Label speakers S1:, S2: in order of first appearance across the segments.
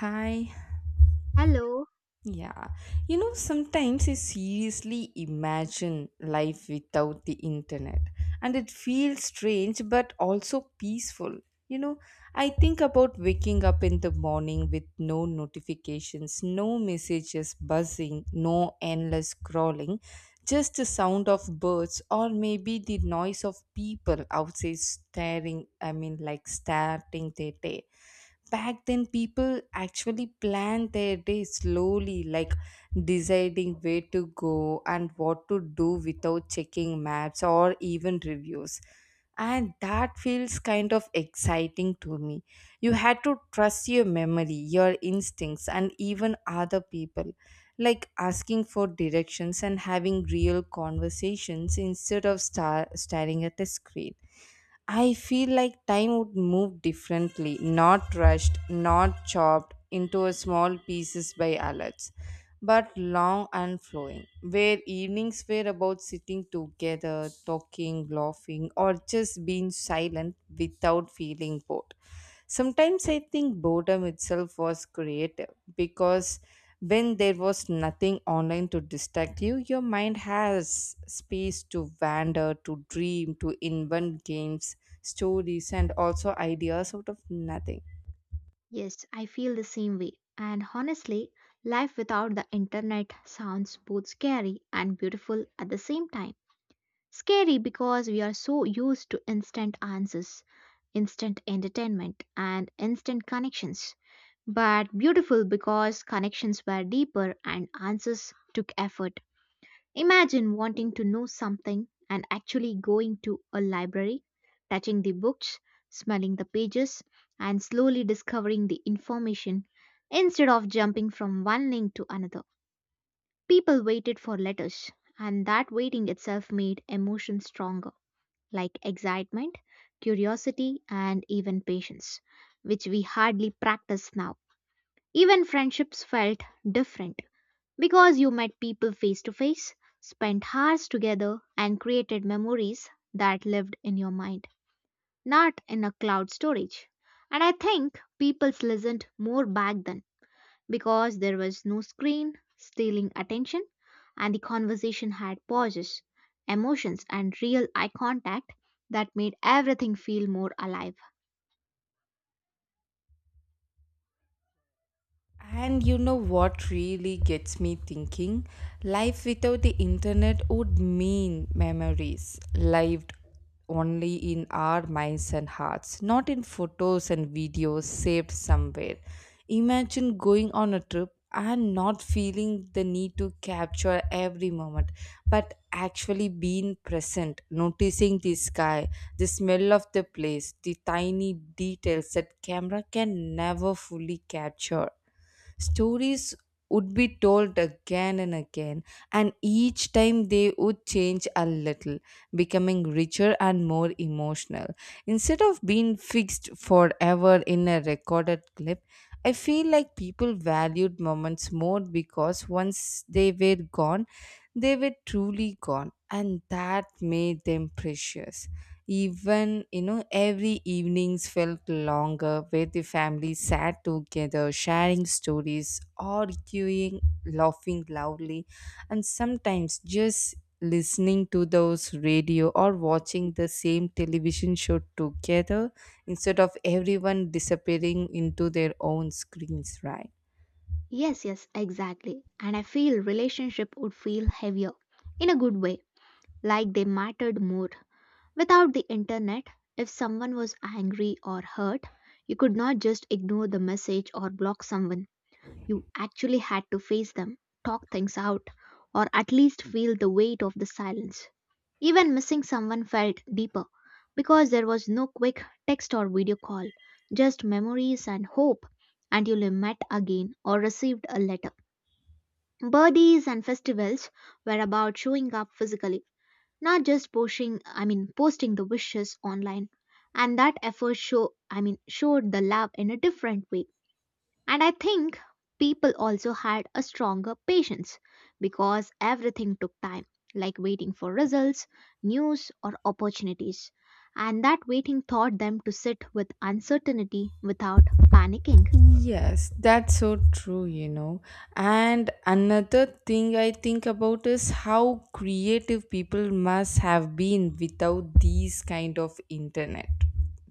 S1: Hi.
S2: Hello.
S1: Yeah. You know, sometimes I seriously imagine life without the internet, and it feels strange but also peaceful. You know, I think about waking up in the morning with no notifications, no messages buzzing, no endless scrolling, just the sound of birds or maybe the noise of people outside staring, I mean, like starting their day. Back then people actually planned their day slowly, like deciding where to go and what to do without checking maps or even reviews, and that feels kind of exciting to me. You had to trust your memory, your instincts, and even other people, like asking for directions and having real conversations instead of staring at a screen. I feel like time would move differently, not rushed, not chopped into small pieces by alerts, but long and flowing, where evenings were about sitting together, talking, laughing, or just being silent without feeling bored. Sometimes I think boredom itself was creative because when there was nothing online to distract you, your mind has space to wander, to dream, to invent games, stories, and also ideas out of nothing.
S2: Yes, I feel the same way. And honestly, life without the internet sounds both scary and beautiful at the same time. Scary because we are so used to instant answers, instant entertainment, and instant connections. But beautiful because connections were deeper and answers took effort. Imagine wanting to know something and actually going to a library, touching the books, smelling the pages, and slowly discovering the information instead of jumping from one link to another. People waited for letters, and that waiting itself made emotions stronger, like excitement, curiosity, and even patience, which we hardly practice now. Even friendships felt different because you met people face to face, spent hours together, and created memories that lived in your mind, not in a cloud storage. And I think people listened more back then because there was no screen stealing attention and the conversation had pauses, emotions, and real eye contact that made everything feel more alive.
S1: And you know what really gets me thinking? Life without the internet would mean memories lived only in our minds and hearts, not in photos and videos saved somewhere. Imagine going on a trip and not feeling the need to capture every moment, but actually being present, noticing the sky, the smell of the place, the tiny details that camera can never fully capture. Stories would be told again and again, and each time they would change a little, becoming richer and more emotional. Instead of being fixed forever in a recorded clip, I feel like people valued moments more because once they were gone, they were truly gone, and that made them precious. Even, every evenings felt longer where the family sat together, sharing stories, arguing, laughing loudly, and sometimes just listening to those radio or watching the same television show together instead of everyone disappearing into their own screens, right?
S2: Yes, yes, exactly. And I feel relationship would feel heavier in a good way, like they mattered more. Without the internet, if someone was angry or hurt, you could not just ignore the message or block someone. You actually had to face them, talk things out, or at least feel the weight of the silence. Even missing someone felt deeper because there was no quick text or video call, just memories and hope until you met again or received a letter. Birthdays and festivals were about showing up physically, not just posting I mean posting the wishes online. And that effort showed the love in a different way. And I think people also had a stronger patience because everything took time, like waiting for results, news, or opportunities. And that waiting taught them to sit with uncertainty without panicking.
S1: Yes, that's so true. And another thing I think about is how creative people must have been without these kind of internet.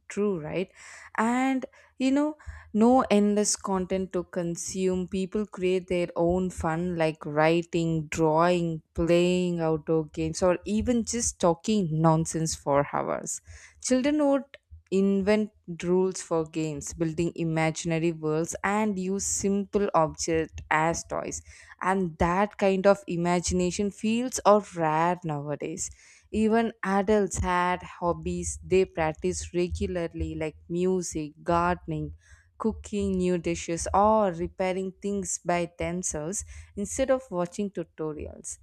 S1: True, right? And you know, no endless content to consume. People create their own fun like writing, drawing, playing outdoor games, or even just talking nonsense for hours. Children would invent rules for games, building imaginary worlds, and use simple objects as toys. And that kind of imagination feels are rare nowadays. Even adults had hobbies they practice regularly, like music, gardening, cooking new dishes, or repairing things by themselves instead of watching tutorials.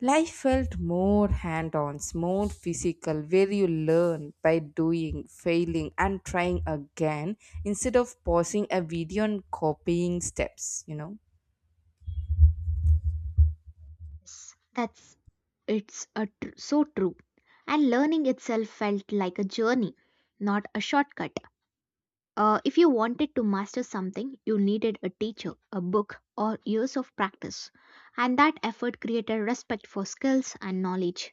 S1: Life felt more hand on, more physical, where you learn by doing, failing, and trying again instead of pausing a video and copying steps.
S2: Yes, that's it's a tr- so true. And learning itself felt like a journey, not a shortcut. If you wanted to master something, you needed a teacher, a book, or years of practice. And that effort created respect for skills and knowledge.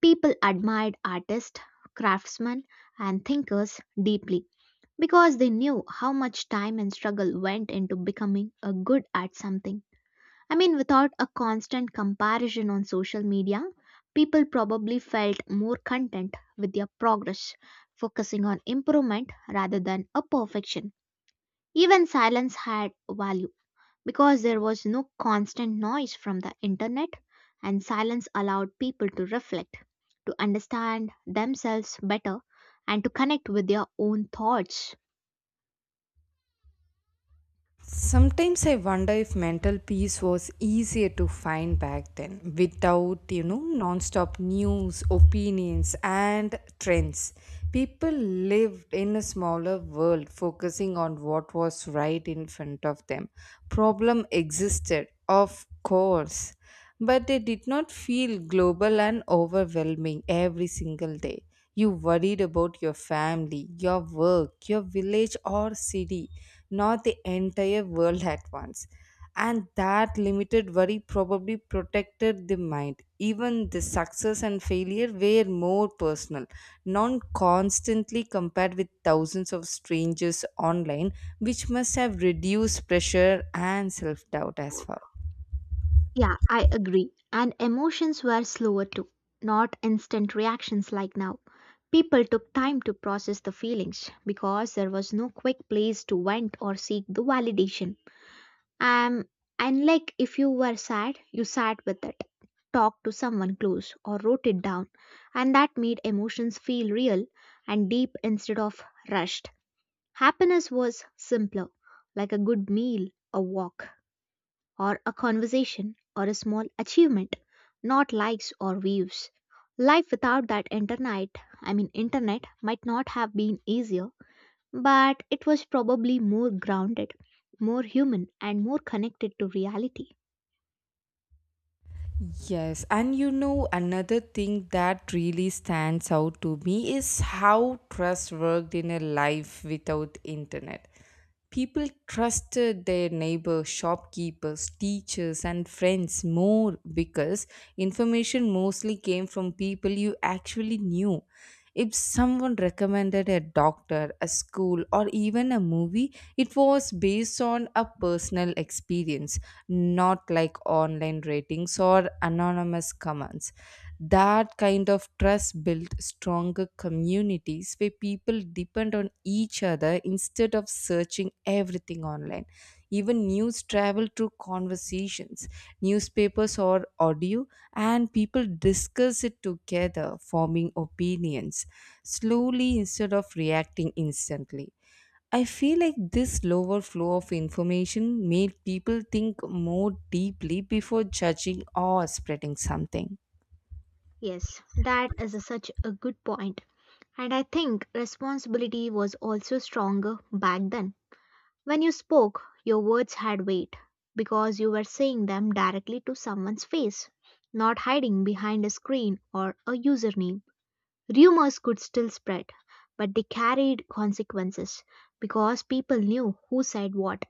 S2: People admired artists, craftsmen, and thinkers deeply because they knew how much time and struggle went into becoming a good at something. I mean, without a constant comparison on social media, people probably felt more content with their progress, focusing on improvement rather than a perfection. Even silence had value because there was no constant noise from the internet, and silence allowed people to reflect, to understand themselves better, and to connect with their own thoughts.
S1: Sometimes I wonder if mental peace was easier to find back then without, non-stop news, opinions and trends. People lived in a smaller world focusing on what was right in front of them. Problem existed, of course, but they did not feel global and overwhelming every single day. You worried about your family, your work, your village or city, not the entire world at once. And that limited worry probably protected the mind. Even the success and failure were more personal, not constantly compared with thousands of strangers online, which must have reduced pressure and self doubt as well.
S2: Yeah, I agree. And emotions were slower too, not instant reactions like now. People took time to process the feelings because there was no quick place to vent or seek the validation. Um, and like, if you were sad, you sat with it, talked to someone close, or wrote it down, and that made emotions feel real and deep instead of rushed. Happiness was simpler, like a good meal, a walk, or a conversation, or a small achievement, not likes or views. Life without that internet, I mean internet, might not have been easier, but it was probably more grounded, more human, and more connected to reality.
S1: Yes, and another thing that really stands out to me is how trust worked in a life without internet. People trusted their neighbors, shopkeepers, teachers, and friends more because information mostly came from people you actually knew. If someone recommended a doctor, a school, or even a movie, it was based on a personal experience, not like online ratings or anonymous comments. That kind of trust builds stronger communities where people depend on each other instead of searching everything online. Even news travel through conversations, newspapers or audio, and people discuss it together, forming opinions slowly instead of reacting instantly. I feel like this lower flow of information made people think more deeply before judging or spreading something.
S2: Yes, such a good point. And I think responsibility was also stronger back then. When you spoke, your words had weight because you were saying them directly to someone's face, not hiding behind a screen or a username. Rumors could still spread, but they carried consequences because people knew who said what.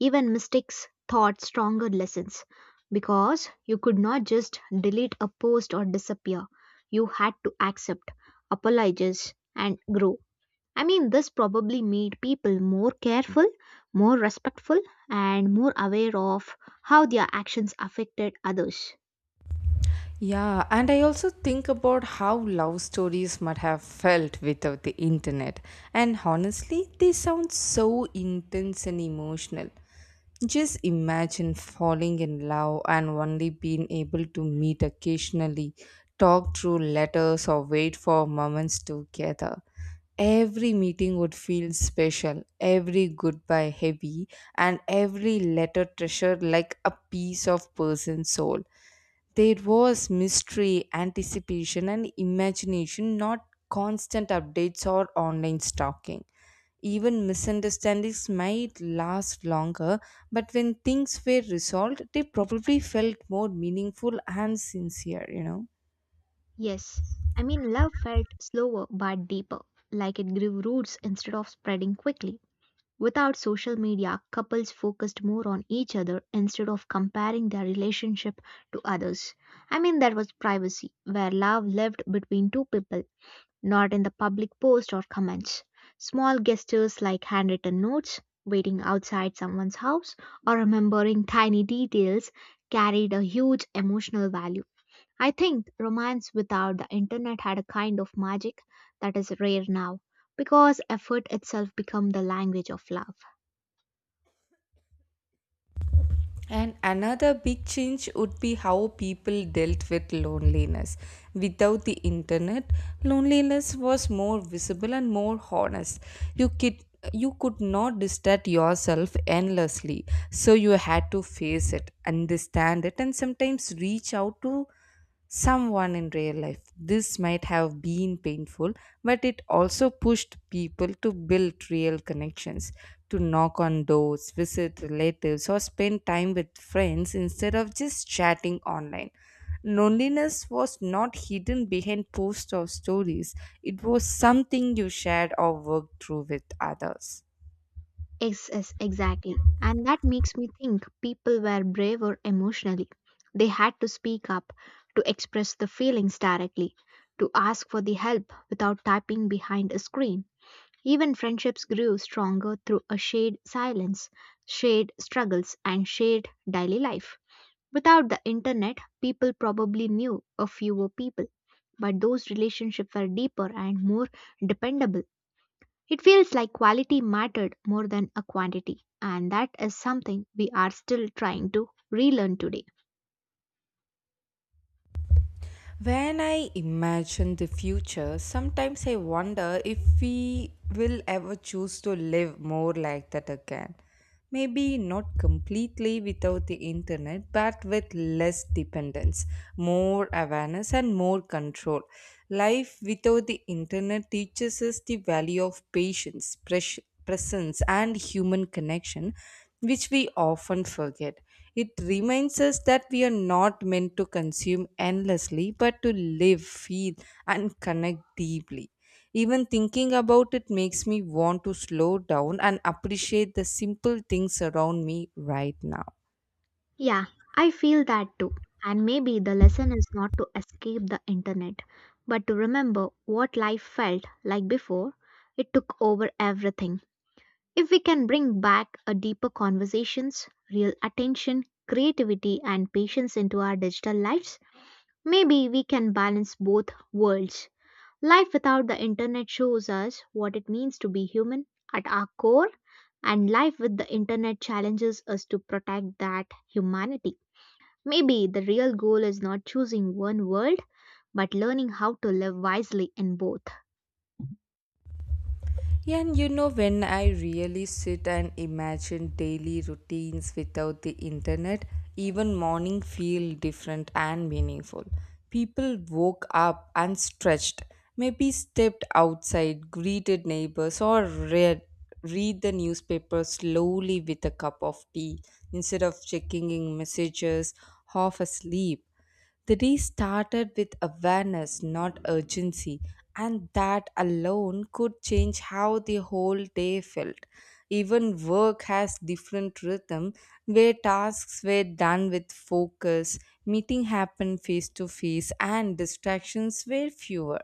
S2: Even mistakes taught stronger lessons because you could not just delete a post or disappear. You had to accept, apologize, and grow. I mean, this probably made people more careful, more respectful, and more aware of how their actions affected others.
S1: Yeah, and I also think about how love stories might have felt without the internet. And honestly, they sound so intense and emotional. Just imagine falling in love and only being able to meet occasionally, talk through letters, or wait for moments together. Every meeting would feel special, every goodbye heavy, and every letter treasured like a piece of person's soul. There was mystery, anticipation, and imagination, not constant updates or online stalking. Even misunderstandings might last longer, but when things were resolved, they probably felt more meaningful and sincere.
S2: Yes, I mean, love felt slower but deeper, like it grew roots instead of spreading quickly. Without social media, couples focused more on each other instead of comparing their relationship to others. I mean, there was privacy, where love lived between two people, not in the public post or comments. Small gestures like handwritten notes, waiting outside someone's house, or remembering tiny details carried a huge emotional value. I think romance without the internet had a kind of magic that is rare now because effort itself became the language of love.
S1: And another big change would be how people dealt with loneliness. Without the internet, loneliness was more visible and more honest. You could you could not distract yourself endlessly, so you had to face it, understand it, and sometimes reach out to someone in real life. This might have been painful, but it also pushed people to build real connections, to knock on doors, visit relatives, or spend time with friends instead of just chatting online. Loneliness was not hidden behind posts or stories, it was something you shared or worked through with others.
S2: Yes, yes, exactly. And that makes me think people were braver emotionally. They had to speak up, to express the feelings directly, to ask for the help without typing behind a screen. Even friendships grew stronger through a shared silence, shared struggles, and shared daily life. Without the internet, people probably knew a fewer people, but those relationships were deeper and more dependable. It feels like quality mattered more than a quantity, and that is something we are still trying to relearn today.
S1: When I imagine the future, sometimes I wonder if we will ever choose to live more like that again. Maybe not completely without the internet, but with less dependence, more awareness, and more control. Life without the internet teaches us the value of patience, presence and human connection, which we often forget. It reminds us that we are not meant to consume endlessly, but to live, feel, and connect deeply. Even thinking about it makes me want to slow down and appreciate the simple things around me right now.
S2: Yeah, I feel that too. And maybe the lesson is not to escape the internet, but to remember what life felt like before it took over everything. If we can bring back a deeper conversations, real attention, creativity and patience into our digital lives, maybe we can balance both worlds. Life without the internet shows us what it means to be human at our core, and life with the internet challenges us to protect that humanity. Maybe the real goal is not choosing one world, but learning how to live wisely in both.
S1: Yeah, and when I really sit and imagine daily routines without the internet, even morning feel different and meaningful. People woke up and stretched, maybe stepped outside, greeted neighbors, or read the newspaper slowly with a cup of tea instead of checking in messages half asleep. The day started with awareness, not urgency, and that alone could change how the whole day felt. Even work has different rhythm where tasks were done with focus, meeting happened face to face and distractions were fewer.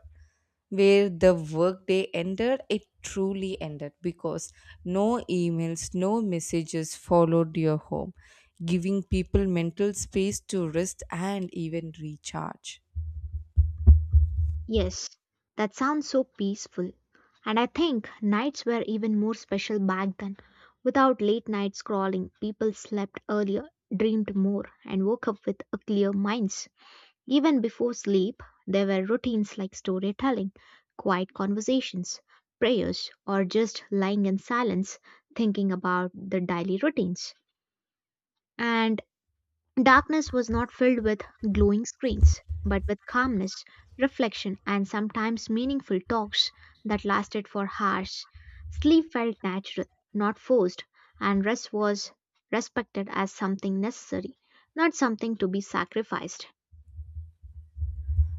S1: Where the workday ended, it truly ended because no emails, no messages followed your home, giving people mental space to rest and even recharge.
S2: Yes, that sounds so peaceful. And I think nights were even more special back then. Without late night scrolling, people slept earlier, dreamed more, and woke up with a clear minds. Even before sleep, there were routines like storytelling, quiet conversations, prayers, or just lying in silence thinking about the daily routines. And darkness was not filled with glowing screens, but with calmness, reflection, and sometimes meaningful talks that lasted for hours. Sleep felt natural, not forced, and rest was respected as something necessary, not something to be sacrificed.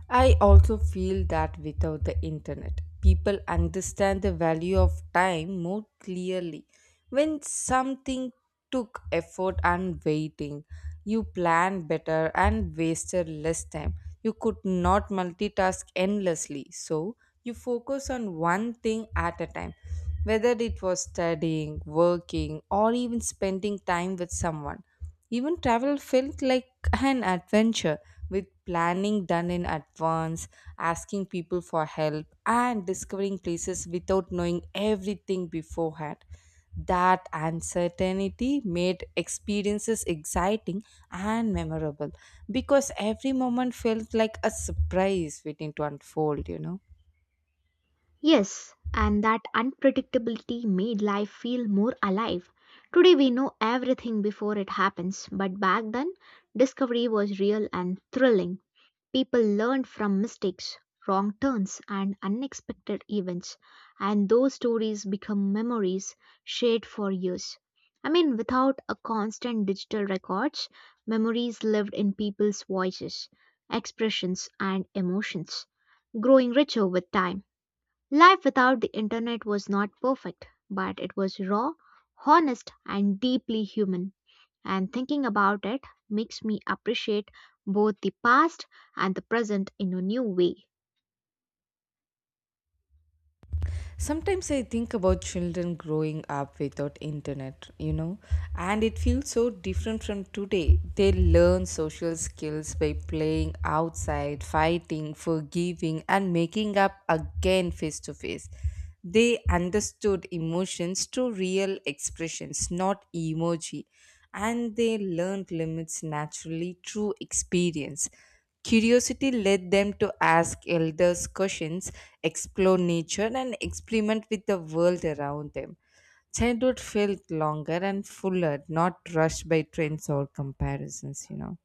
S1: I also feel that without the internet, people understand the value of time more clearly. When something took effort and waiting, you plan better and wasted less time. You could not multitask endlessly, so you focus on one thing at a time. Whether it was studying, working, or even spending time with someone, even travel felt like an adventure with planning done in advance, asking people for help, and discovering places without knowing everything beforehand. That uncertainty made experiences exciting and memorable because every moment felt like a surprise waiting to unfold.
S2: Yes, and that unpredictability made life feel more alive. Today we know everything before it happens, but back then, discovery was real and thrilling. People learned from mistakes, wrong turns, and unexpected events, and those stories become memories shared for years. I mean, without a constant digital records, memories lived in people's voices, expressions, and emotions, growing richer with time. Life without the internet was not perfect, but it was raw, honest, and deeply human. And thinking about it makes me appreciate both the past and the present in a new way.
S1: Sometimes I think about children growing up without internet, and it feels so different from today. They learn social skills by playing outside, fighting, forgiving, and making up again face to face. They understood emotions through real expressions, not emoji, and they learned limits naturally through experience. Curiosity led them to ask elders questions, explore nature, and experiment with the world around them. Childhood felt longer and fuller, not rushed by trends or comparisons.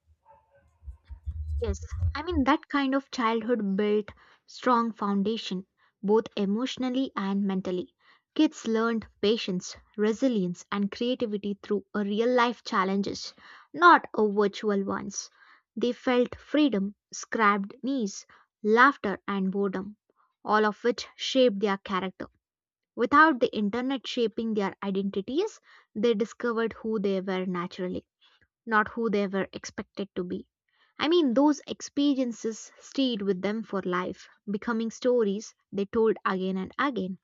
S2: Yes, I mean, that kind of childhood built strong foundation, both emotionally and mentally. Kids learned patience, resilience, and creativity through a real life challenges, not a virtual ones. They felt freedom, scrapped knees, laughter, and boredom, all of which shaped their character. Without the internet shaping their identities, they discovered who they were naturally, not who they were expected to be. I mean, those experiences stayed with them for life, becoming stories they told again and again.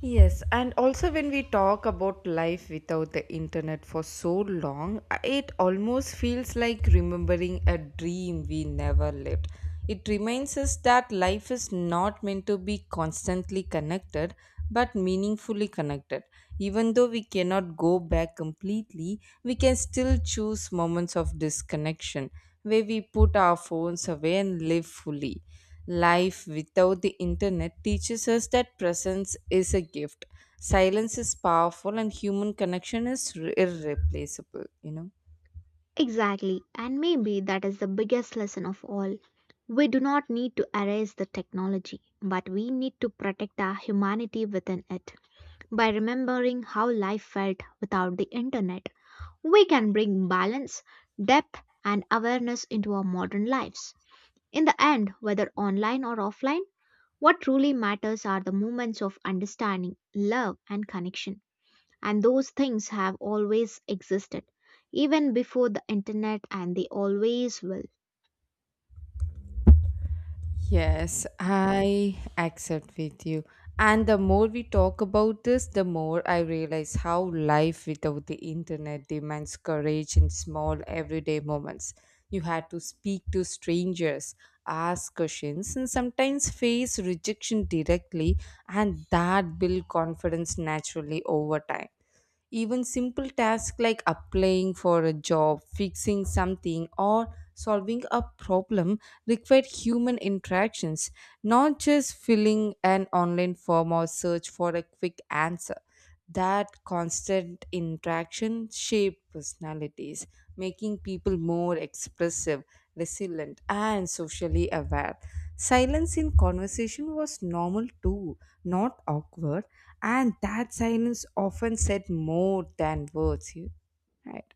S1: Yes, and also when we talk about life without the internet for so long, it almost feels like remembering a dream we never lived. It reminds us that life is not meant to be constantly connected, but meaningfully connected. Even though we cannot go back completely, we can still choose moments of disconnection where we put our phones away and live fully. Life without the internet teaches us that presence is a gift. Silence is powerful and human connection is irreplaceable.
S2: Exactly, and maybe that is the biggest lesson of all. We do not need to erase the technology, but we need to protect our humanity within it. By remembering how life felt without the internet, we can bring balance, depth, and awareness into our modern lives. In the end, whether online or offline, what truly matters are the moments of understanding, love, and connection. And those things have always existed, even before the internet, and they always will.
S1: Yes, I accept with you. And the more we talk about this, the more I realize how life without the internet demands courage in small everyday moments. You had to speak to strangers, ask questions, and sometimes face rejection directly, and that build confidence naturally over time. Even simple tasks like applying for a job, fixing something, or solving a problem require human interactions, not just filling an online form or search for a quick answer. That constant interaction shapes personalities, making people more expressive resilient, and socially aware. Silence in conversation was normal too, not awkward, and that silence often said more than words. Right.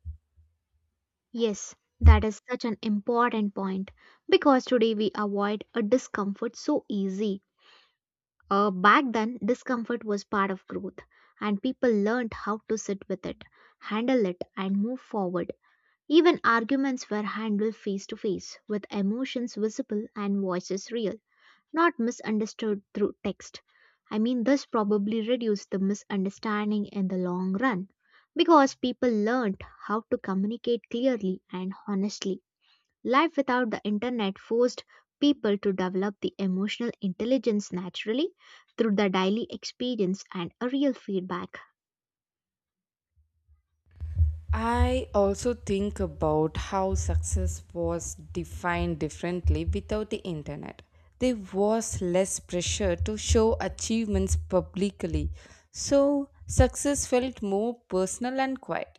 S2: Yes, that is such an important point because today we avoid a discomfort so easy. Back then, discomfort was part of growth, and people learned how to sit with it, handle it, and move forward. Even arguments were handled face to face, with emotions visible and voices real, not misunderstood through text. I mean, this probably reduced the misunderstanding in the long run because people learned how to communicate clearly and honestly. Life without the internet forced people to develop the emotional intelligence naturally through the daily experience and a real feedback.
S1: I also think about how success was defined differently without the internet. There was less pressure to show achievements publicly, so success felt more personal and quiet.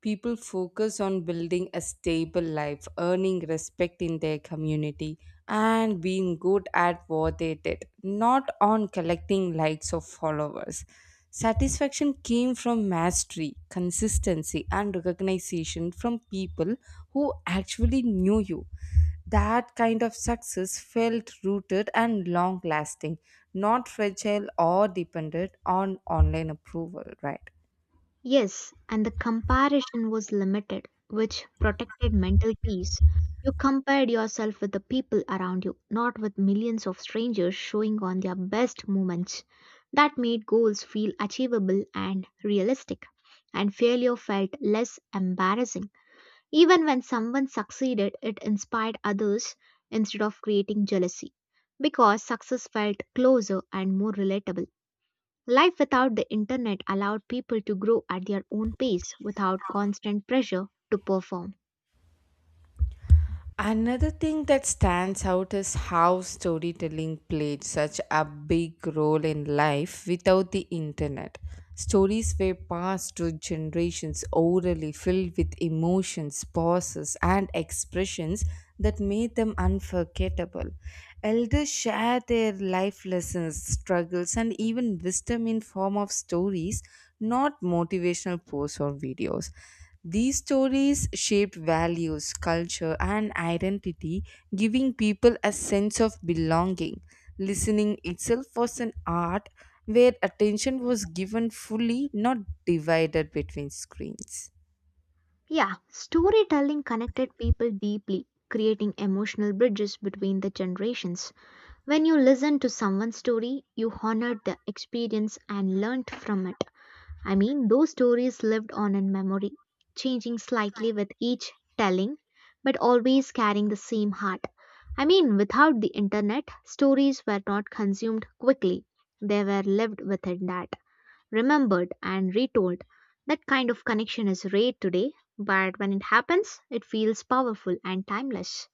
S1: People focus on building a stable life, earning respect in their community, and being good at what they did, not on collecting likes or followers. Satisfaction came from mastery, consistency, and recognition from people who actually knew you. That kind of success felt rooted and long lasting, not fragile or dependent on online approval, right?
S2: Yes, and the comparison was limited, which protected mental peace. You compared yourself with the people around you, not with millions of strangers showing on their best moments. That made goals feel achievable and realistic, and failure felt less embarrassing. Even when someone succeeded, it inspired others instead of creating jealousy, because success felt closer and more relatable. Life without the internet allowed people to grow at their own pace without constant pressure to perform.
S1: Another thing that stands out is how storytelling played such a big role in life without the internet. Stories were passed to generations orally, filled with emotions, pauses, and expressions that made them unforgettable. Elders shared their life lessons, struggles, and even wisdom in form of stories, not motivational posts or videos. These stories shaped values, culture, and identity, giving people a sense of belonging. Listening itself was an art where attention was given fully, not divided between screens.
S2: Yeah, storytelling connected people deeply, creating emotional bridges between the generations. When you listened to someone's story, you honored the experience and learned from it. I mean, those stories lived on in memory, changing slightly with each telling, but always carrying the same heart. I mean, without the internet, stories were not consumed quickly, they were lived within that, remembered, and retold. That kind of connection is rare today, but when it happens, it feels powerful and timeless.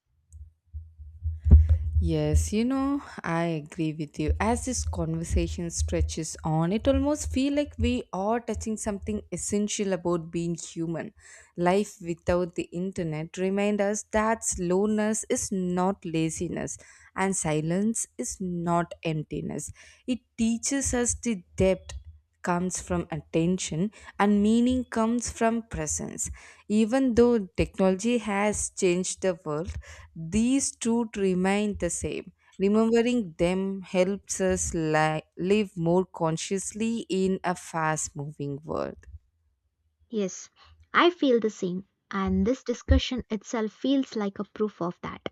S1: Yes, you know, I agree with you. As this conversation stretches on, it almost feels like we are touching something essential about being human. Life without the internet remind us that slowness is not laziness and silence is not emptiness. It teaches us the depth comes from attention and meaning comes from presence. Even though technology has changed the world, these truths remain the same. Remembering them helps us live more consciously in a fast moving world.
S2: Yes, I feel the same, and this discussion itself feels like a proof of that.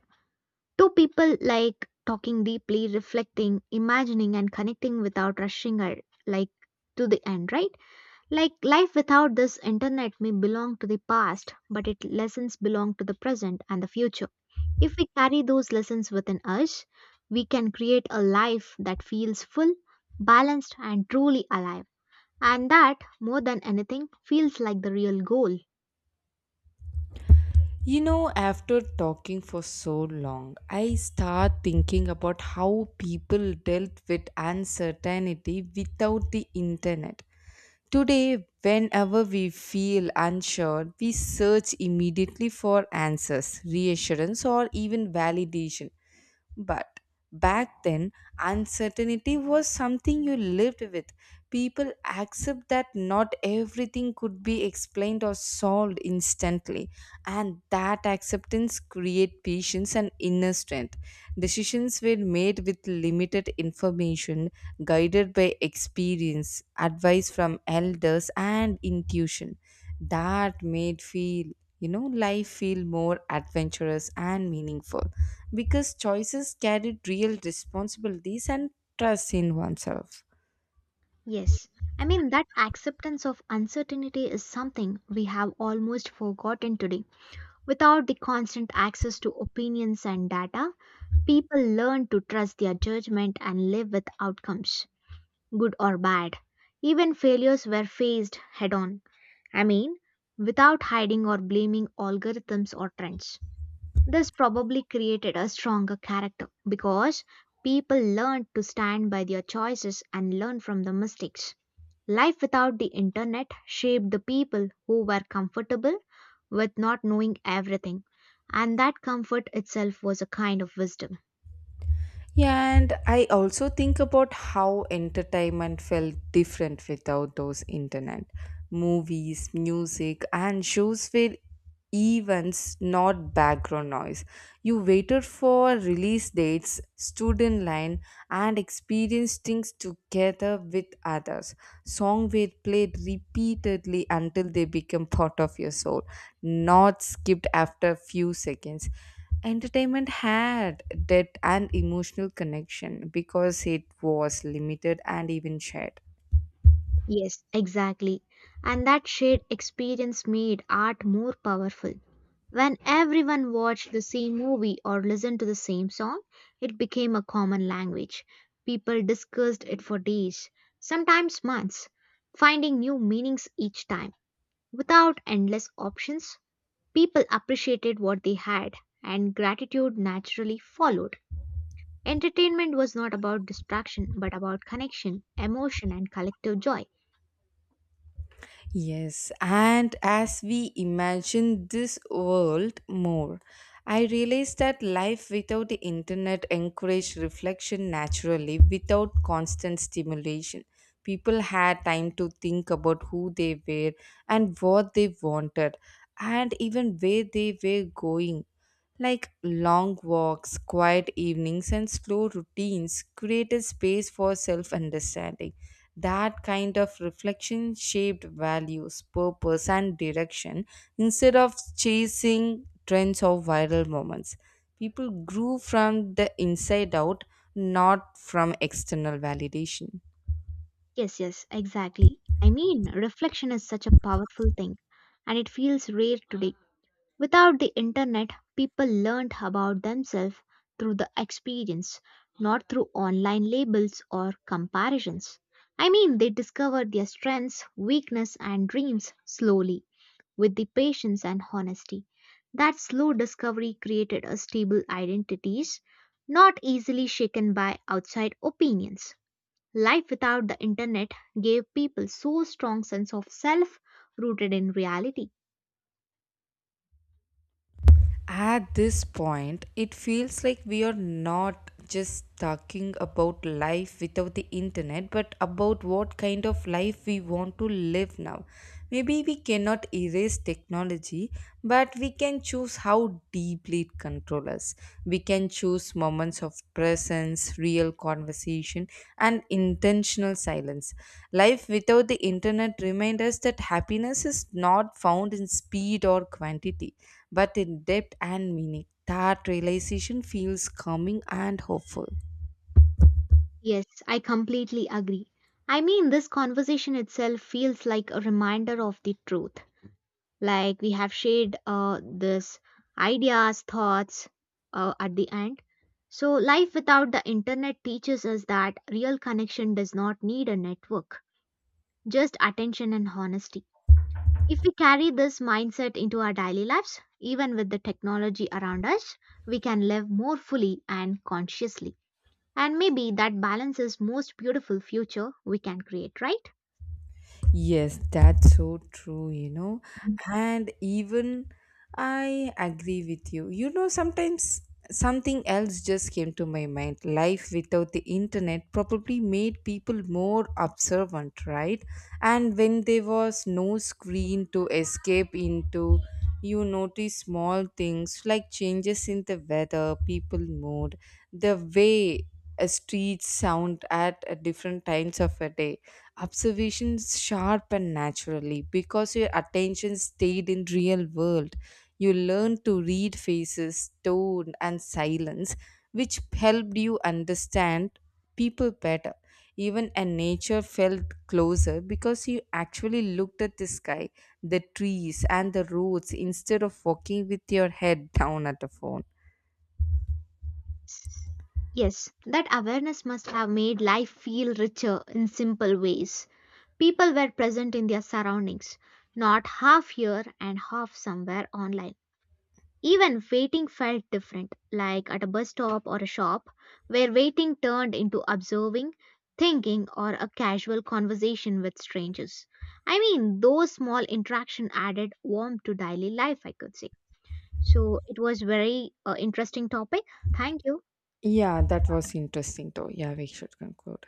S2: Two people like talking deeply, reflecting, imagining, and connecting without rushing or like to the end, right? Like life without this internet may belong to the past, but its lessons belong to the present and the future. If we carry those lessons within us, we can create a life that feels full, balanced, and truly alive. And that, more than anything, feels like the real goal.
S1: You know, after talking for so long, I start thinking about how people dealt with uncertainty without the internet. Today, whenever we feel unsure, we search immediately for answers, reassurance, or even validation. But back then, uncertainty was something you lived with. People accept that not everything could be explained or solved instantly, and that acceptance create patience and inner strength. Decisions were made with limited information, guided by experience, advice from elders, and intuition. That made feel, you know, life feel more adventurous and meaningful because choices carried real responsibilities and trust in oneself.
S2: Yes, I mean that acceptance of uncertainty is something we have almost forgotten today. Without the constant access to opinions and data, people learn to trust their judgment and live with outcomes, good or bad. Even failures were faced head on. I mean, without hiding or blaming algorithms or trends. This probably created a stronger character because people learned to stand by their choices and learn from the mistakes. Life without the internet shaped the people who were comfortable with not knowing everything, and that comfort itself was a kind of wisdom.
S1: Yeah, and I also think about how entertainment felt different without those internet. Movies, music, and shows were events, not background noise. You waited for release dates, stood in line, and experienced things together with others. Songs were played repeatedly until they became part of your soul, not skipped after a few seconds. Entertainment had that an emotional connection because it was limited and even shared.
S2: Yes, exactly. And that shared experience made art more powerful. When everyone watched the same movie or listened to the same song, it became a common language. People discussed it for days, sometimes months, finding new meanings each time. Without endless options, people appreciated what they had, and gratitude naturally followed. Entertainment was not about distraction, but about connection, emotion, and collective joy.
S1: Yes, and as we imagine this world more, I realized that life without the internet encouraged reflection naturally without constant stimulation. People had time to think about who they were and what they wanted and even where they were going. Like long walks, quiet evenings, and slow routines created space for self understanding. That kind of reflection shaped values, purpose, and direction instead of chasing trends or viral moments. People grew from the inside out, not from external validation.
S2: Yes, yes, exactly. I mean, reflection is such a powerful thing, and it feels rare today. Without the internet, people learned about themselves through the experience, not through online labels or comparisons. I mean, they discovered their strengths, weakness, and dreams slowly, with the patience and honesty. That slow discovery created a stable identities, not easily shaken by outside opinions. Life without the internet gave people so strong sense of self rooted in reality.
S1: At this point, it feels like we are not just talking about life without the internet, but about what kind of life we want to live now. Maybe we cannot erase technology, but we can choose how deeply it controls us. We can choose moments of presence, real conversation, and intentional silence. Life without the internet reminds us that happiness is not found in speed or quantity but in depth and meaning. That realization feels calming and hopeful.
S2: Yes, I completely agree. I mean, this conversation itself feels like a reminder of the truth. Like we have shared this ideas, thoughts, at the end. So life without the internet teaches us that real connection does not need a network, just attention and honesty. If we carry this mindset into our daily lives, even with the technology around us, we can live more fully and consciously. And maybe that balance is most beautiful future we can create, right?
S1: Yes, that's so true, you know. And even I agree with you. You know, sometimes something else just came to my mind. Life without the internet probably made people more observant, right? And when there was no screen to escape into, you notice small things like changes in the weather, people mood, the way a street sound at a different times of a day. Observations sharp and naturally because your attention stayed in real world. You learned to read faces tone and silence which helped you understand people better, even, and nature felt closer because you actually looked at the sky, the trees and the roads instead of walking with your head down at the phone.
S2: Yes, that awareness must have made life feel richer in simple ways. People were present in their surroundings, not half here and half somewhere online. Even waiting felt different, like at a bus stop or a shop, where waiting turned into observing, thinking, or a casual conversation with strangers. I mean, those small interactions added warmth to daily life, I could say. So it was very interesting topic. Thank you.
S1: Yeah, that was interesting though. Yeah, we should conclude.